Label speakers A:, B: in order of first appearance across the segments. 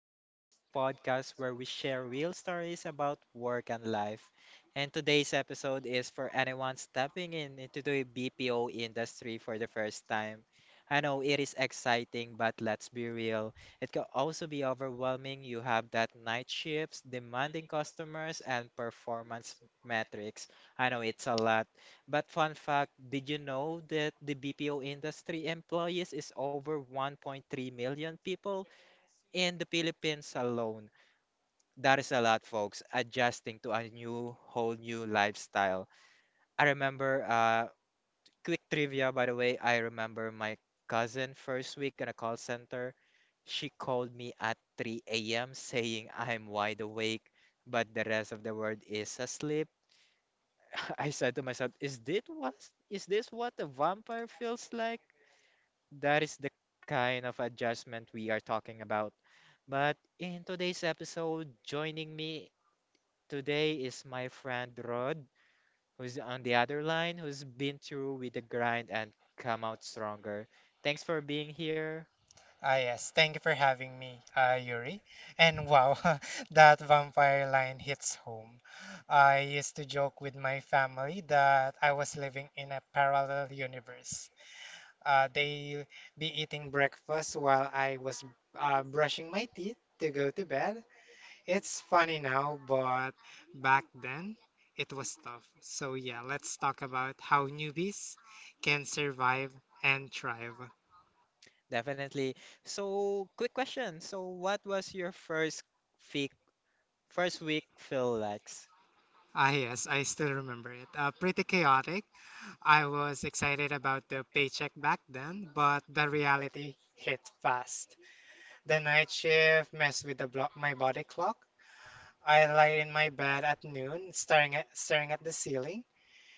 A: Talks, the podcast where we share real stories about work and life. And today's episode is for anyone stepping in into the BPO industry for the first time. I know it is exciting, but let's be real. It can also be overwhelming. You have that night shifts, demanding customers, and performance metrics. I know it's a lot, but fun fact, did you know that the BPO industry employees is over 1.3 million people in the Philippines alone? That is a lot, folks, adjusting to a new, whole new lifestyle. I remember, quick trivia, by the way, I remember my cousin first week in a call center. She called me at 3 a.m. saying I'm wide awake, but the rest of the world is asleep. I said to myself, is this what a vampire feels like? That is the kind of adjustment we are talking about. But in today's episode, joining me today is my friend Rod, who's on the other line, who's been through with the grind and come out stronger. Thanks for being here.
B: Ah, yes, thank you for having me, Yuri. And wow, that vampire line hits home. I used to joke with my family that I was living in a parallel universe. They be eating breakfast while I was brushing my teeth to go to bed. It's funny now, but back then it was tough. So, yeah, let's talk about how newbies can survive and thrive.
A: Definitely. So, quick question. So, what was your week, first week feel like?
B: Ah, yes, I still remember it. Pretty chaotic. I was excited about the paycheck back then, but the reality hit fast. The night shift messed with the blo my body clock. I lay in my bed at noon, staring at the ceiling,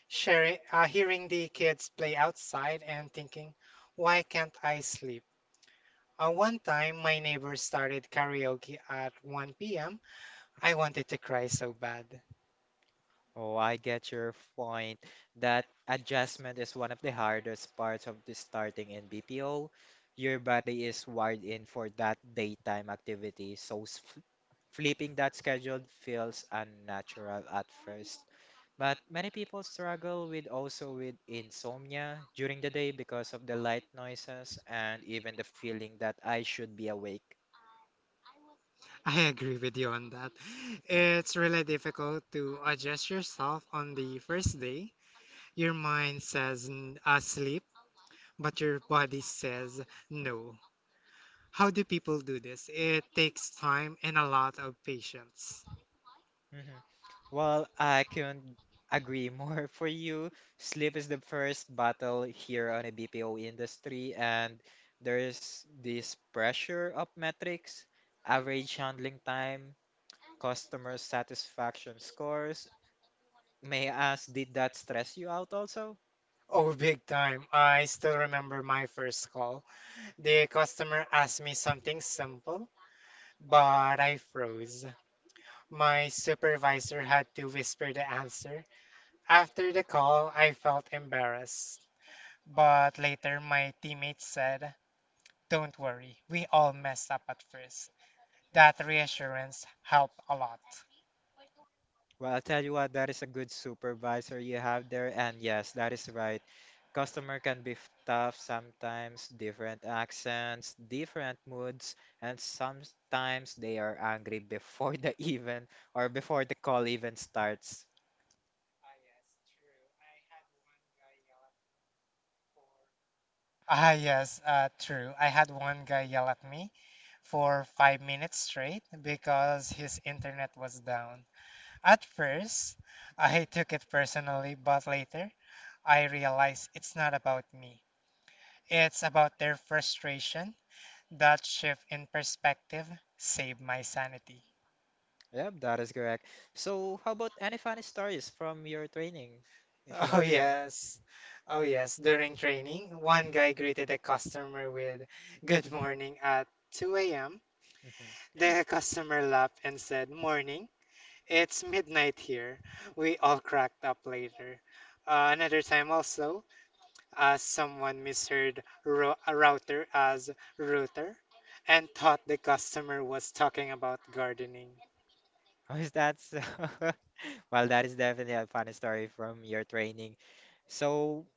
B: hearing the kids play outside, and thinking, why can't I sleep? One time, my neighbor started karaoke at 1 p.m. I wanted to cry so bad.
A: Oh, I get your point. That adjustment is one of the hardest parts of the starting in BPO. Your body is wired in for that daytime activity, so flipping that schedule feels unnatural at first. But many people struggle with also with insomnia during the day because of the light noises and even the feeling that I should be awake.
B: I agree with you on that. It's really difficult to adjust yourself on the first day. Your mind says sleep, but your body says no. How do people do this? It takes time and a lot of patience.
A: Mm-hmm. Well, I couldn't agree more for you. Sleep is the first battle here on the BPO industry, and there's this pressure of metrics, average handling time, customer satisfaction scores. May I ask, did that stress you out also?
B: Oh, big time. I still remember my first call. The customer asked me something simple, but I froze. My supervisor had to whisper the answer. After the call, I felt embarrassed. But later, my teammates said, "Don't worry, we all messed up at first." That reassurance helped a lot.
A: Well, I'll tell you what, that is a good supervisor you have there. And yes, that is right. Customer can be tough sometimes, different accents, different moods, and sometimes they are angry before the even or before the call even starts.
B: Ah, yes, true. I had one guy yell at me for 5 minutes straight because his internet was down. At first, I took it personally, but later, I realized it's not about me. It's about their frustration. That shift in perspective saved my sanity.
A: Yep, that is correct. So, how about any funny stories from your training, if you
B: Oh
A: want to share?
B: yes. Oh yes. During training, one guy greeted a customer with good morning at 2 a.m.
A: Mhm.
B: The customer laughed and said, "Morning, it's midnight here." We all cracked up later. Another time also, someone misheard ro a router as router and thought the customer was talking about gardening.
A: How is that so? Well, that is definitely a funny story from your training. So,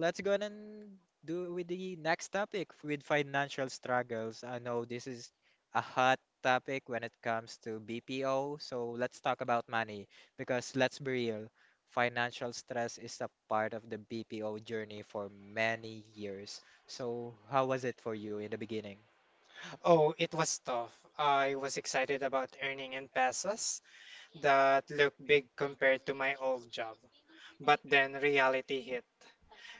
A: let's go ahead and do with the next topic with financial struggles. I know this is a hot topic when it comes to BPO, so let's talk about money because let's be real, financial stress is a part of the BPO journey for many years. So how was it for you in the beginning?
B: Oh, it was tough. I was excited about earning in pesos that looked big compared to my old job. But then reality hit.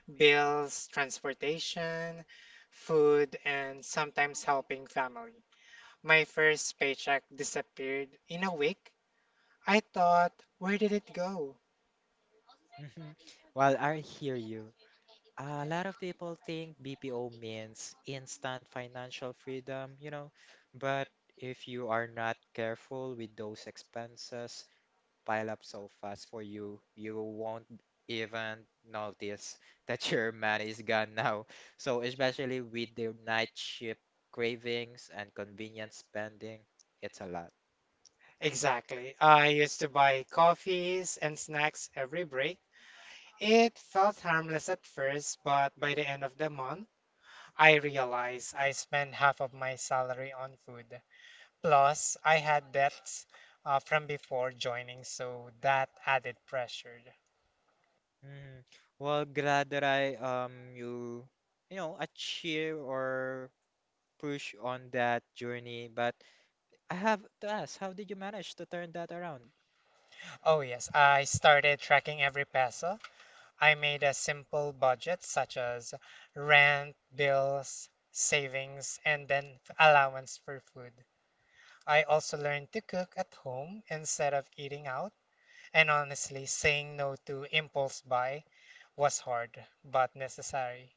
B: Bills, transportation, food, and sometimes helping family. My first paycheck disappeared in a week. I thought, where did it go?
A: Well, I hear you. A lot of people think BPO means instant financial freedom, you know, but if you are not careful with those expenses pile up so fast for you, you won't even notice that your money is gone now. So especially with the night shift cravings and convenience spending, it's a lot.
B: Exactly. I used to buy coffees and snacks every break. It felt harmless at first, but by the end of the month, I realized I spent half of my salary on food. Plus, I had debts from before joining, so that added pressure.
A: Mm. Well, glad that I achieve or push on that journey, but I have to ask, how did you manage to turn that around?
B: Oh, yes, I started tracking every peso. I made a simple budget, such as rent, bills, savings, and then allowance for food. I also learned to cook at home instead of eating out, and honestly, saying no to impulse buy was hard but necessary.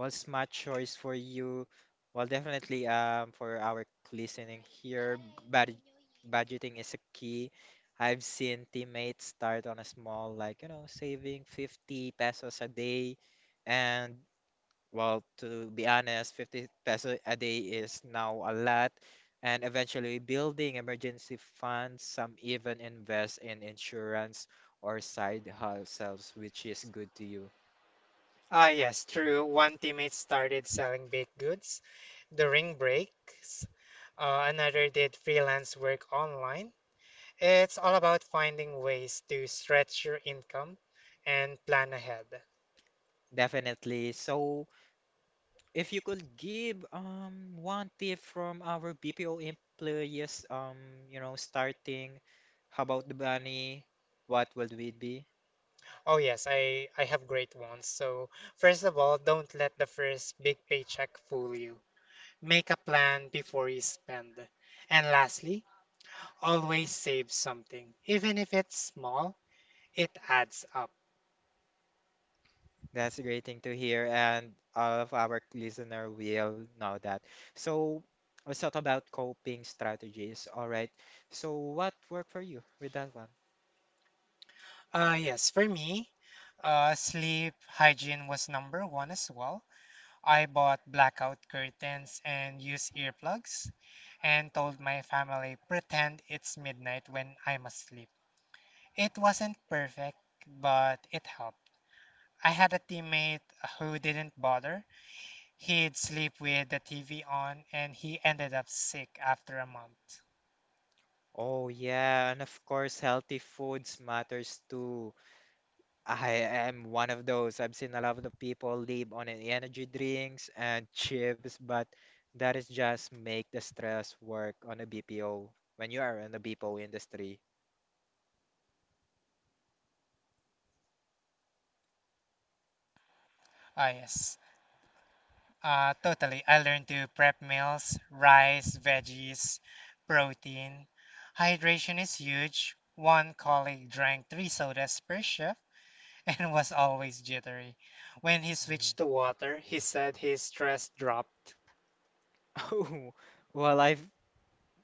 A: Well, smart choice for you. Well, definitely for our listening here, bad budgeting is a key. I've seen teammates start on a small, like, you know, saving 50 pesos a day, and well, to be honest, 50 peso a day is now a lot, and eventually building emergency funds, some even invest in insurance or side hustles, which is good to you.
B: Ah, yes, true. One teammate started selling baked goods during breaks. Another did freelance work online. It's all about finding ways to stretch your income and plan ahead.
A: Definitely. So, if you could give one tip from our BPO employees, you know, starting, how about the money? What would it be?
B: Oh, yes, I have great ones. So, first of all, don't let the first big paycheck fool you. Make a plan before you spend. And lastly, always save something. Even if it's small, it adds up.
A: That's a great thing to hear, and all of our listener will know that. So let's talk about coping strategies. All right. So what worked for you with that one?
B: Yes, for me, sleep hygiene was number one as well. I bought blackout curtains and used earplugs and told my family, pretend it's midnight when I'm asleep. It wasn't perfect, but it helped. I had a teammate who didn't bother. He'd sleep with the TV on and he ended up sick after a month.
A: Oh yeah, and of course healthy foods matters too. I am one of those. I've seen a lot of the people live on energy drinks and chips, but that is just make the stress work on a BPO when you are in the BPO industry.
B: Ah, yes. Totally. I learned to prep meals, rice, veggies, protein. Hydration is huge. One colleague drank three sodas per shift and was always jittery. When he
A: Mhm.
B: switched to water, he said his stress dropped.
A: Oh, well, I've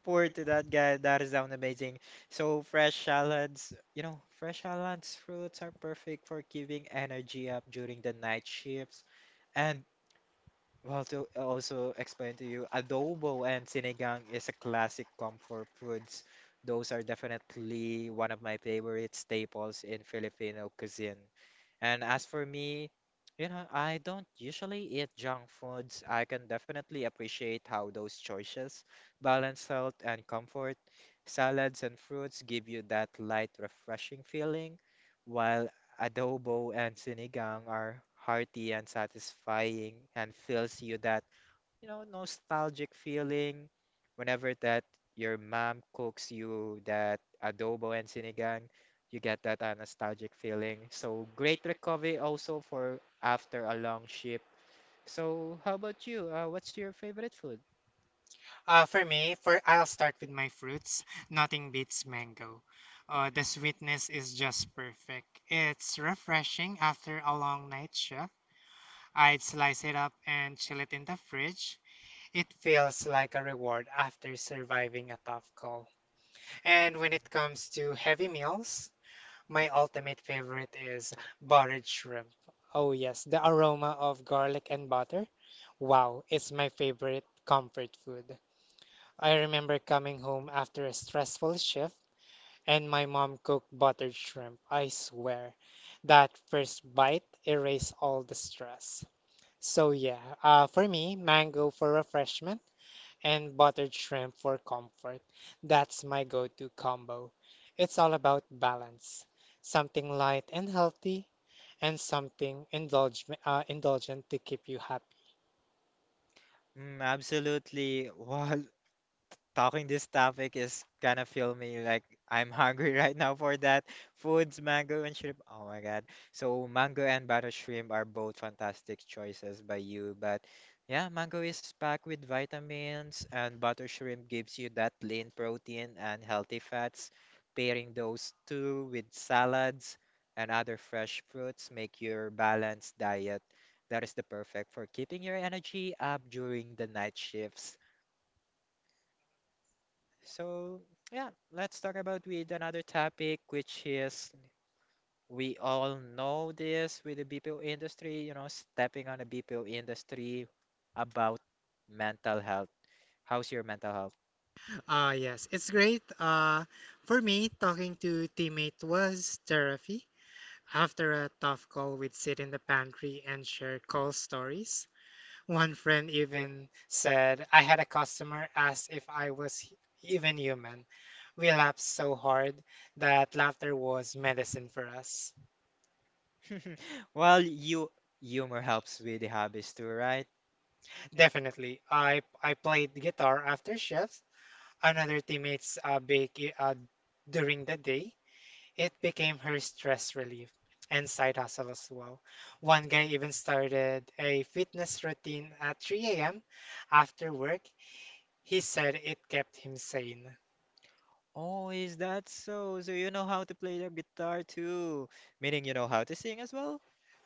A: poured to that guy. That is sound amazing. So fresh salads, fruits are perfect for giving energy up during the night shifts. And well, to also explain to you, adobo and sinigang is a classic comfort foods. Those are definitely one of my favorite staples in Filipino cuisine. And as for me, you know, I don't usually eat junk foods. I can definitely appreciate how those choices balance health and comfort. Salads and fruits give you that light, refreshing feeling, while adobo and sinigang are hearty and satisfying and fills you that, you know, nostalgic feeling whenever that your mom cooks you that adobo and sinigang you get that nostalgic feeling. So great recovery also for after a long shift. So how about you? What's your favorite food?
B: For me, for I'll start with my fruits. Nothing beats mango. The sweetness is just perfect. It's refreshing after a long night shift. I'd slice it up and chill it in the fridge. It feels like a reward after surviving a tough call. And when it comes to heavy meals, my ultimate favorite is buttered shrimp. Oh, yes, the aroma of garlic and butter. Wow, it's my favorite comfort food. I remember coming home after a stressful shift and my mom cooked buttered shrimp. I swear, that first bite erased all the stress. So, yeah, for me, mango for refreshment and buttered shrimp for comfort. That's my go-to combo. It's all about balance, something light and healthy, and something indulgent to keep you happy.
A: Mm, absolutely. Wow, talking this topic is gonna fill me like I'm hungry right now for that. Foods, mango and shrimp. Oh my God. So mango and butter shrimp are both fantastic choices by you. But yeah, mango is packed with vitamins and butter shrimp gives you that lean protein and healthy fats. Pairing those two with salads and other fresh fruits make your balanced diet that is the perfect for keeping your energy up during the night shifts. So, yeah, let's talk about with another topic, which is we all know this with the BPO industry, you know, stepping on the BPO industry about mental health. How's your mental health?
B: Yes, it's great. For me, talking to teammate was therapy. After a tough call, we'd sit in the pantry and share call stories. One friend even said, "I had a customer ask if I was even human." We laughed so hard that laughter was medicine for us.
A: Well, you humor helps with the hobbies too, right?
B: Definitely. I played guitar after shifts. Another teammate's during the day. It became her stress relief and side hustle as well. One guy even started a fitness routine at 3 a.m. after work. He said it kept him sane.
A: Oh, is that so? So you know how to play the guitar too, meaning you know how to sing as well?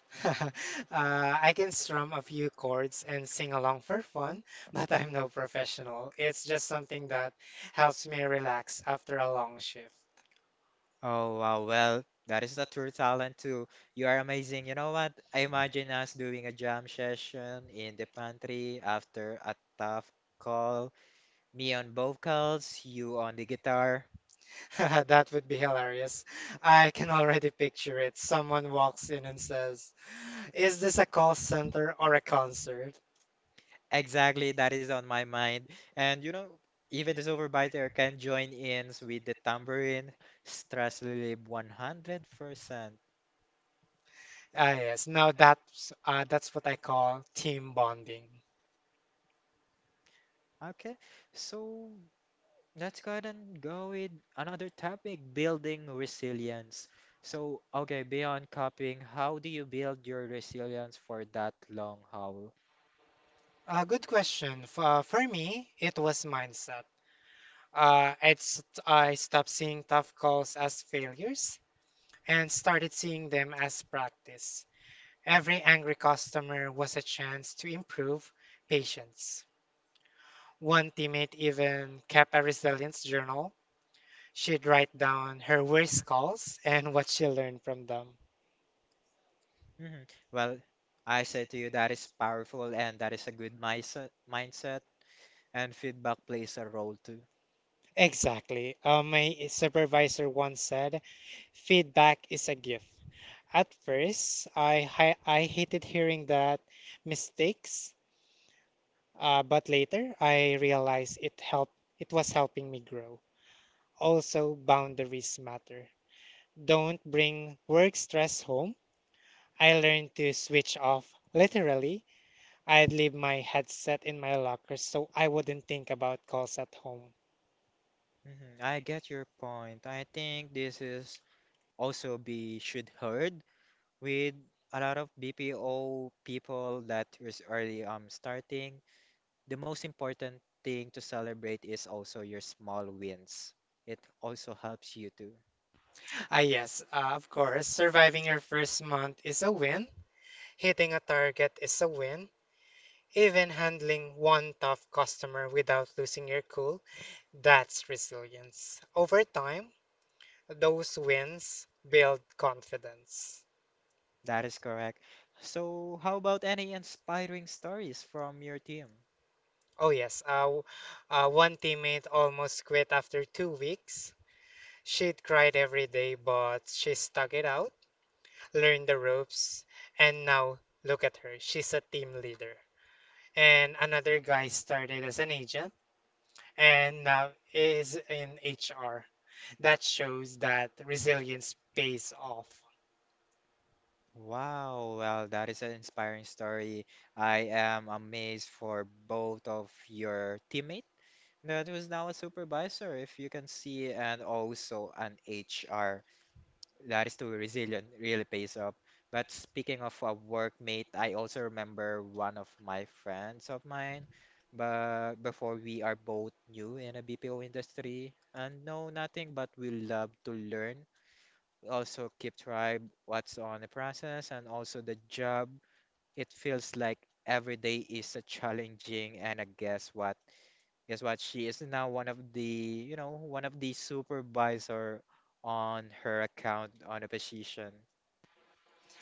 B: I can strum a few chords and sing along for fun, but I'm no professional. It's just something that helps me relax after a long shift.
A: Oh wow, well, that is a true talent too. You are amazing. You know what? I imagine us doing a jam session in the pantry after a tough call. Me on vocals, you on the guitar.
B: That would be hilarious. I can already picture it. Someone walks in and says, "Is this a call center or a concert?"
A: Exactly, that is on my mind. And you know, even the supervisor can join in with the tambourine. Stress relief 100%.
B: Ah, yes. Now that's what I call team bonding.
A: Okay, so let's go ahead and go with another topic, building resilience. So, okay, beyond copying, how do you build your resilience for that long haul?
B: Good question. For me, it was mindset. It's I stopped seeing tough calls as failures and started seeing them as practice. Every angry customer was a chance to improve patience. One teammate even kept a resilience journal. She'd write down her worst calls and what she learned from them.
A: Hmm. Well, I say to you that is powerful and that is a good mindset, and feedback plays a role too.
B: Exactly. My supervisor once said, "Feedback is a gift." At first, I hated hearing that mistakes, but later I realized it helped. It was helping me grow. Also, boundaries matter. Don't bring work stress home. I learned to switch off. Literally, I'd leave my headset in my locker so I wouldn't think about calls at home.
A: Hmm. I get your point. I think this is also be should heard with a lot of BPO people that is early starting the most important thing to celebrate is also your small wins. It also helps you too.
B: Ah, yes, of course, surviving your first month is a win. Hitting a target is a win. Even handling one tough customer without losing your cool, that's resilience. Over time, those wins build confidence.
A: That is correct. So, how about any inspiring stories from your team?
B: Oh yes, one teammate almost quit after 2 weeks. She'd cried every day, but she stuck it out, learned the ropes, and now look at her. She's a team leader. And another guy started as an agent and now is in HR. That shows that resilience pays off.
A: Wow, well, that is an inspiring story. I am amazed for both of your teammates. That was now a supervisor, if you can see, and also an HR. That is too resilient, really pays off. But speaking of a workmate, I also remember one of my friends of mine, but before we are both new in a BPO industry and know nothing, but we love to learn. We also keep track what's on the process and also the job. It feels like every day is a challenging and a Guess what? She is now one of the, you know, one of the supervisor on her account on a position.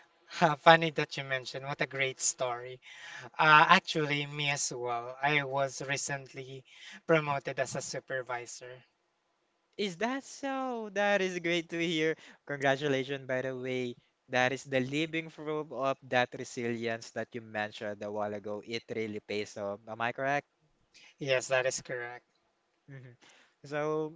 B: Funny that you mentioned, what a great story. Actually, me as well. I was recently promoted as a supervisor.
A: Is that so? That is great to hear. Congratulations, by the way. That is the living proof of that resilience that you mentioned a while ago. It really pays off. Am I correct?
B: Yes, that is correct.
A: Hmm. So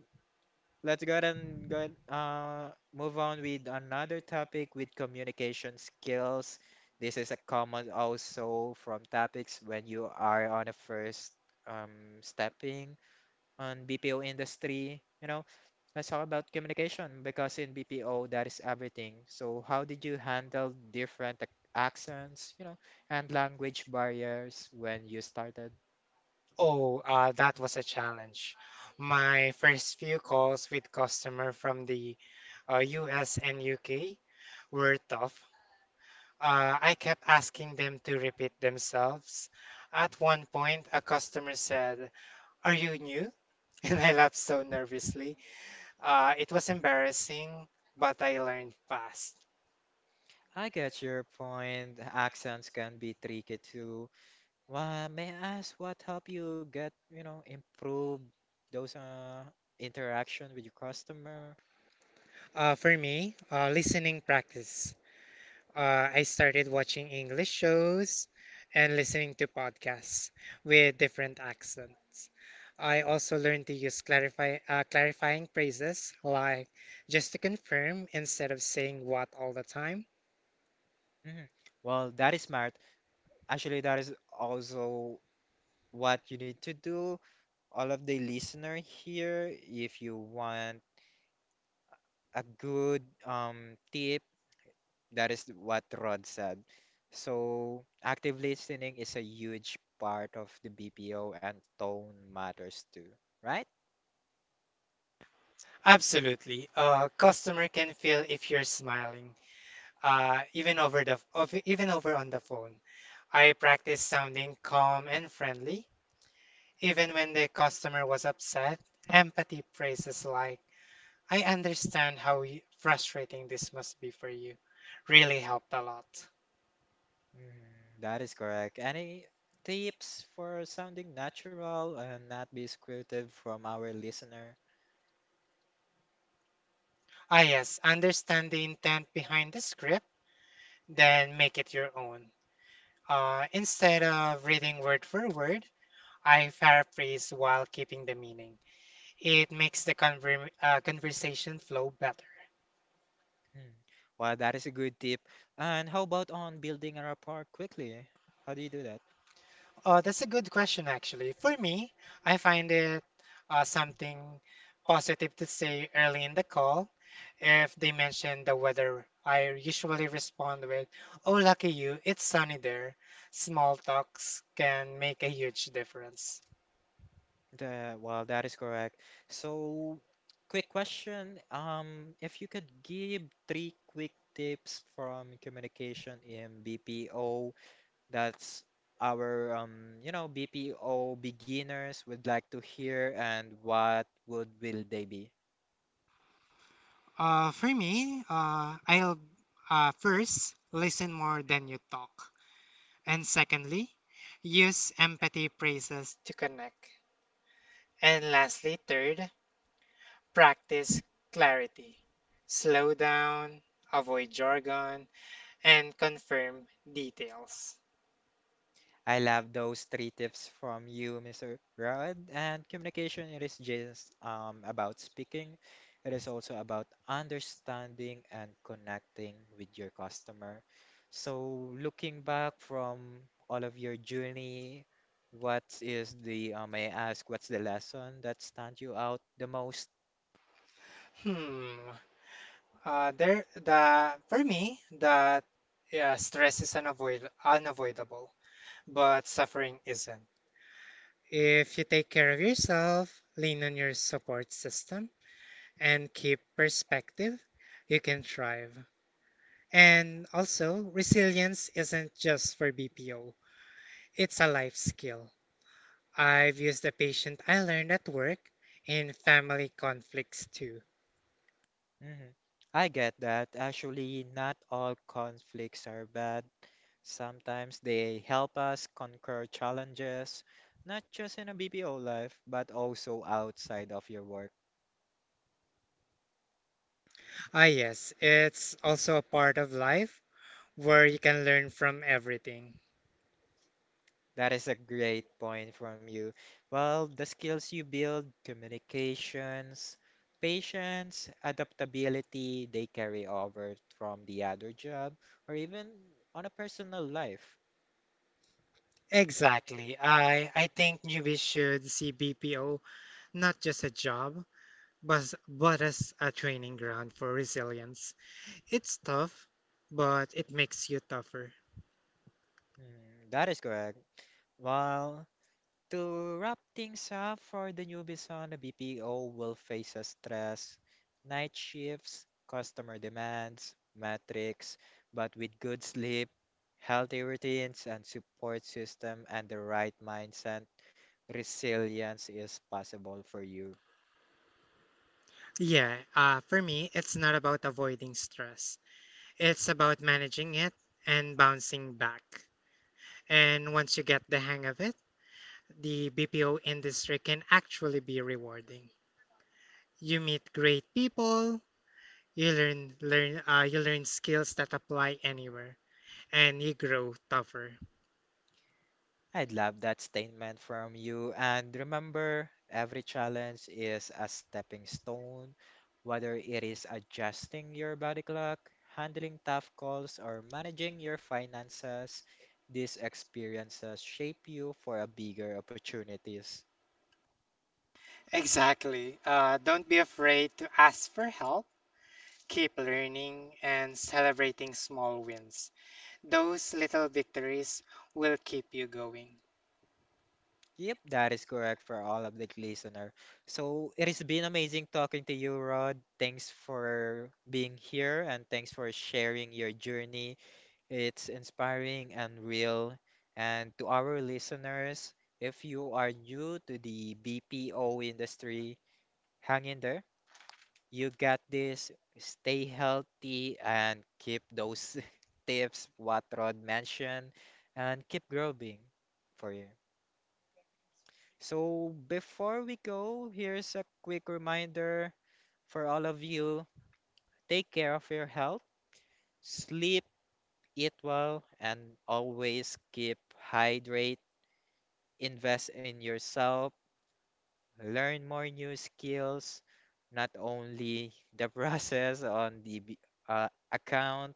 A: let's go ahead and go ahead, move on with another topic with communication skills. This is a common also from topics when you are on a first stepping on BPO industry, you know, let's talk about communication because in BPO that is everything. So how did you handle different accents, you know, and language barriers when you started?
B: Oh, that was a challenge. My first few calls with customer from the US and UK were tough. I kept asking them to repeat themselves. At one point, a customer said, "Are you new?" And I laughed so nervously. It was embarrassing, but I learned fast.
A: I get your point. Accents can be tricky too. Well, may I ask what help you get, you know, improve those interaction with your customer?
B: For me, listening practice. I started watching English shows and listening to podcasts with different accents. I also learned to use clarifying phrases like just to confirm instead of saying what all the time.
A: Mhm. Well, that is smart. Actually, that is also what you need to do all of the listener here, if you want a good tip, that is what Rod said. So active listening is a huge part of the BPO and tone matters too, right?
B: Absolutely. A customer can feel if you're smiling, even over on the phone. I practice sounding calm and friendly, even when the customer was upset. Empathy phrases like "I understand how frustrating this must be for you." Really helped a lot.
A: Mm, that is correct. Any tips for sounding natural and not be scripted from our listener?
B: Ah, yes, understand the intent behind the script, then make it your own. Instead of reading word for word, I paraphrase while keeping the meaning. It makes the conversation flow better.
A: Hmm. Well, that is a good tip. And how about on building a rapport quickly? How do you do?
B: That's a good question, actually. For me, I find it something positive to say early in the call. If they mention the weather, I usually respond with, "Oh, lucky you, it's sunny there." Small talks can make a huge difference.
A: The, well, that is correct. So, quick question. If you could give three quick tips from communication in BPO, that's our, you know, BPO beginners would like to hear, and what would will they be?
B: For me, I'll first listen more than you talk. And secondly, use empathy phrases to connect. And lastly, third, practice clarity. Slow down, avoid jargon, and confirm details.
A: I love those three tips from you, Mr. Rod. And communication, it is just about speaking. It is also about understanding and connecting with your customer. So, looking back from all of your journey, what is the, may I ask, what's the lesson that stand you out the most?
B: Hmm. There, the For me, that stress is unavoidable, but suffering isn't. If you take care of yourself, lean on your support system, and keep perspective, you can thrive. And also, resilience isn't just for BPO; it's a life skill. I've used the patient I learned at work in family conflicts too.
A: Mhm. I get that. Actually, not all conflicts are bad. Sometimes they help us conquer challenges, not just in a BPO life, but also outside of your work.
B: Ah, yes, it's also a part of life where you can learn from everything.
A: That is a great point from you. Well, the skills you build, communications, patience, adaptability, they carry over from the other job or even on a personal life.
B: Exactly. I think newbies should see BPO not just a job, but as a training ground for resilience. It's tough, but it makes you tougher.
A: Mm, that is correct. Well, to wrap things up for the newbies on the BPO will face a stress, night shifts, customer demands, metrics, but with good sleep, healthy routines and support system and the right mindset, resilience is possible for you.
B: Yeah, for me, it's not about avoiding stress. It's about managing it and bouncing back. And once you get the hang of it, the BPO industry can actually be rewarding. You meet great people, you learn learn you learn skills that apply anywhere, and you grow tougher.
A: I'd love that statement from you. And remember, every challenge is a stepping stone, whether it is adjusting your body clock, handling tough calls, or managing your finances. These experiences shape you for a bigger opportunities.
B: Exactly. Don't be afraid to ask for help. Keep learning and celebrating small wins. Those little victories will keep you going.
A: Yep, that is correct for all of the listener. So it has been amazing talking to you, Rod. Thanks for being here and thanks for sharing your journey. It's inspiring and real. And to our listeners, if you are new to the BPO industry, hang in there. You got this. Stay healthy and keep those tips what Rod mentioned and keep growing for you. So before we go, here's a quick reminder for all of you. Take care of your health, sleep, eat well, and always keep hydrated, invest in yourself, learn more new skills, not only the process on the account,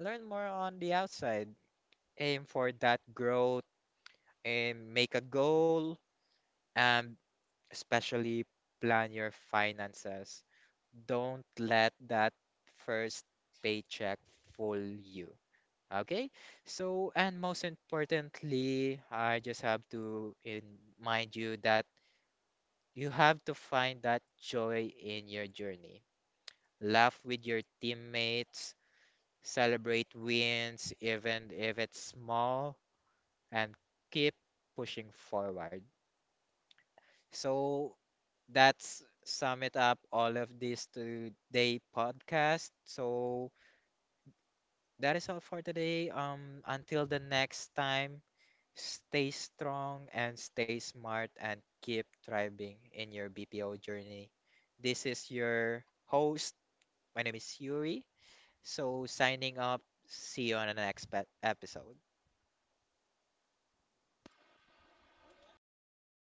A: learn more on the outside, aim for that growth and make a goal and especially plan your finances. Don't let that first paycheck fool you. Okay? So, and most importantly, I just have to remind you that you have to find that joy in your journey. Laugh with your teammates, celebrate wins, even if it's small, and keep pushing forward. So that's sum it up all of this today podcast. So that is all for today. Until the next time, stay strong and stay smart and keep thriving in your BPO journey. This is your host. My name is Yuri. So signing up. See you on the next episode.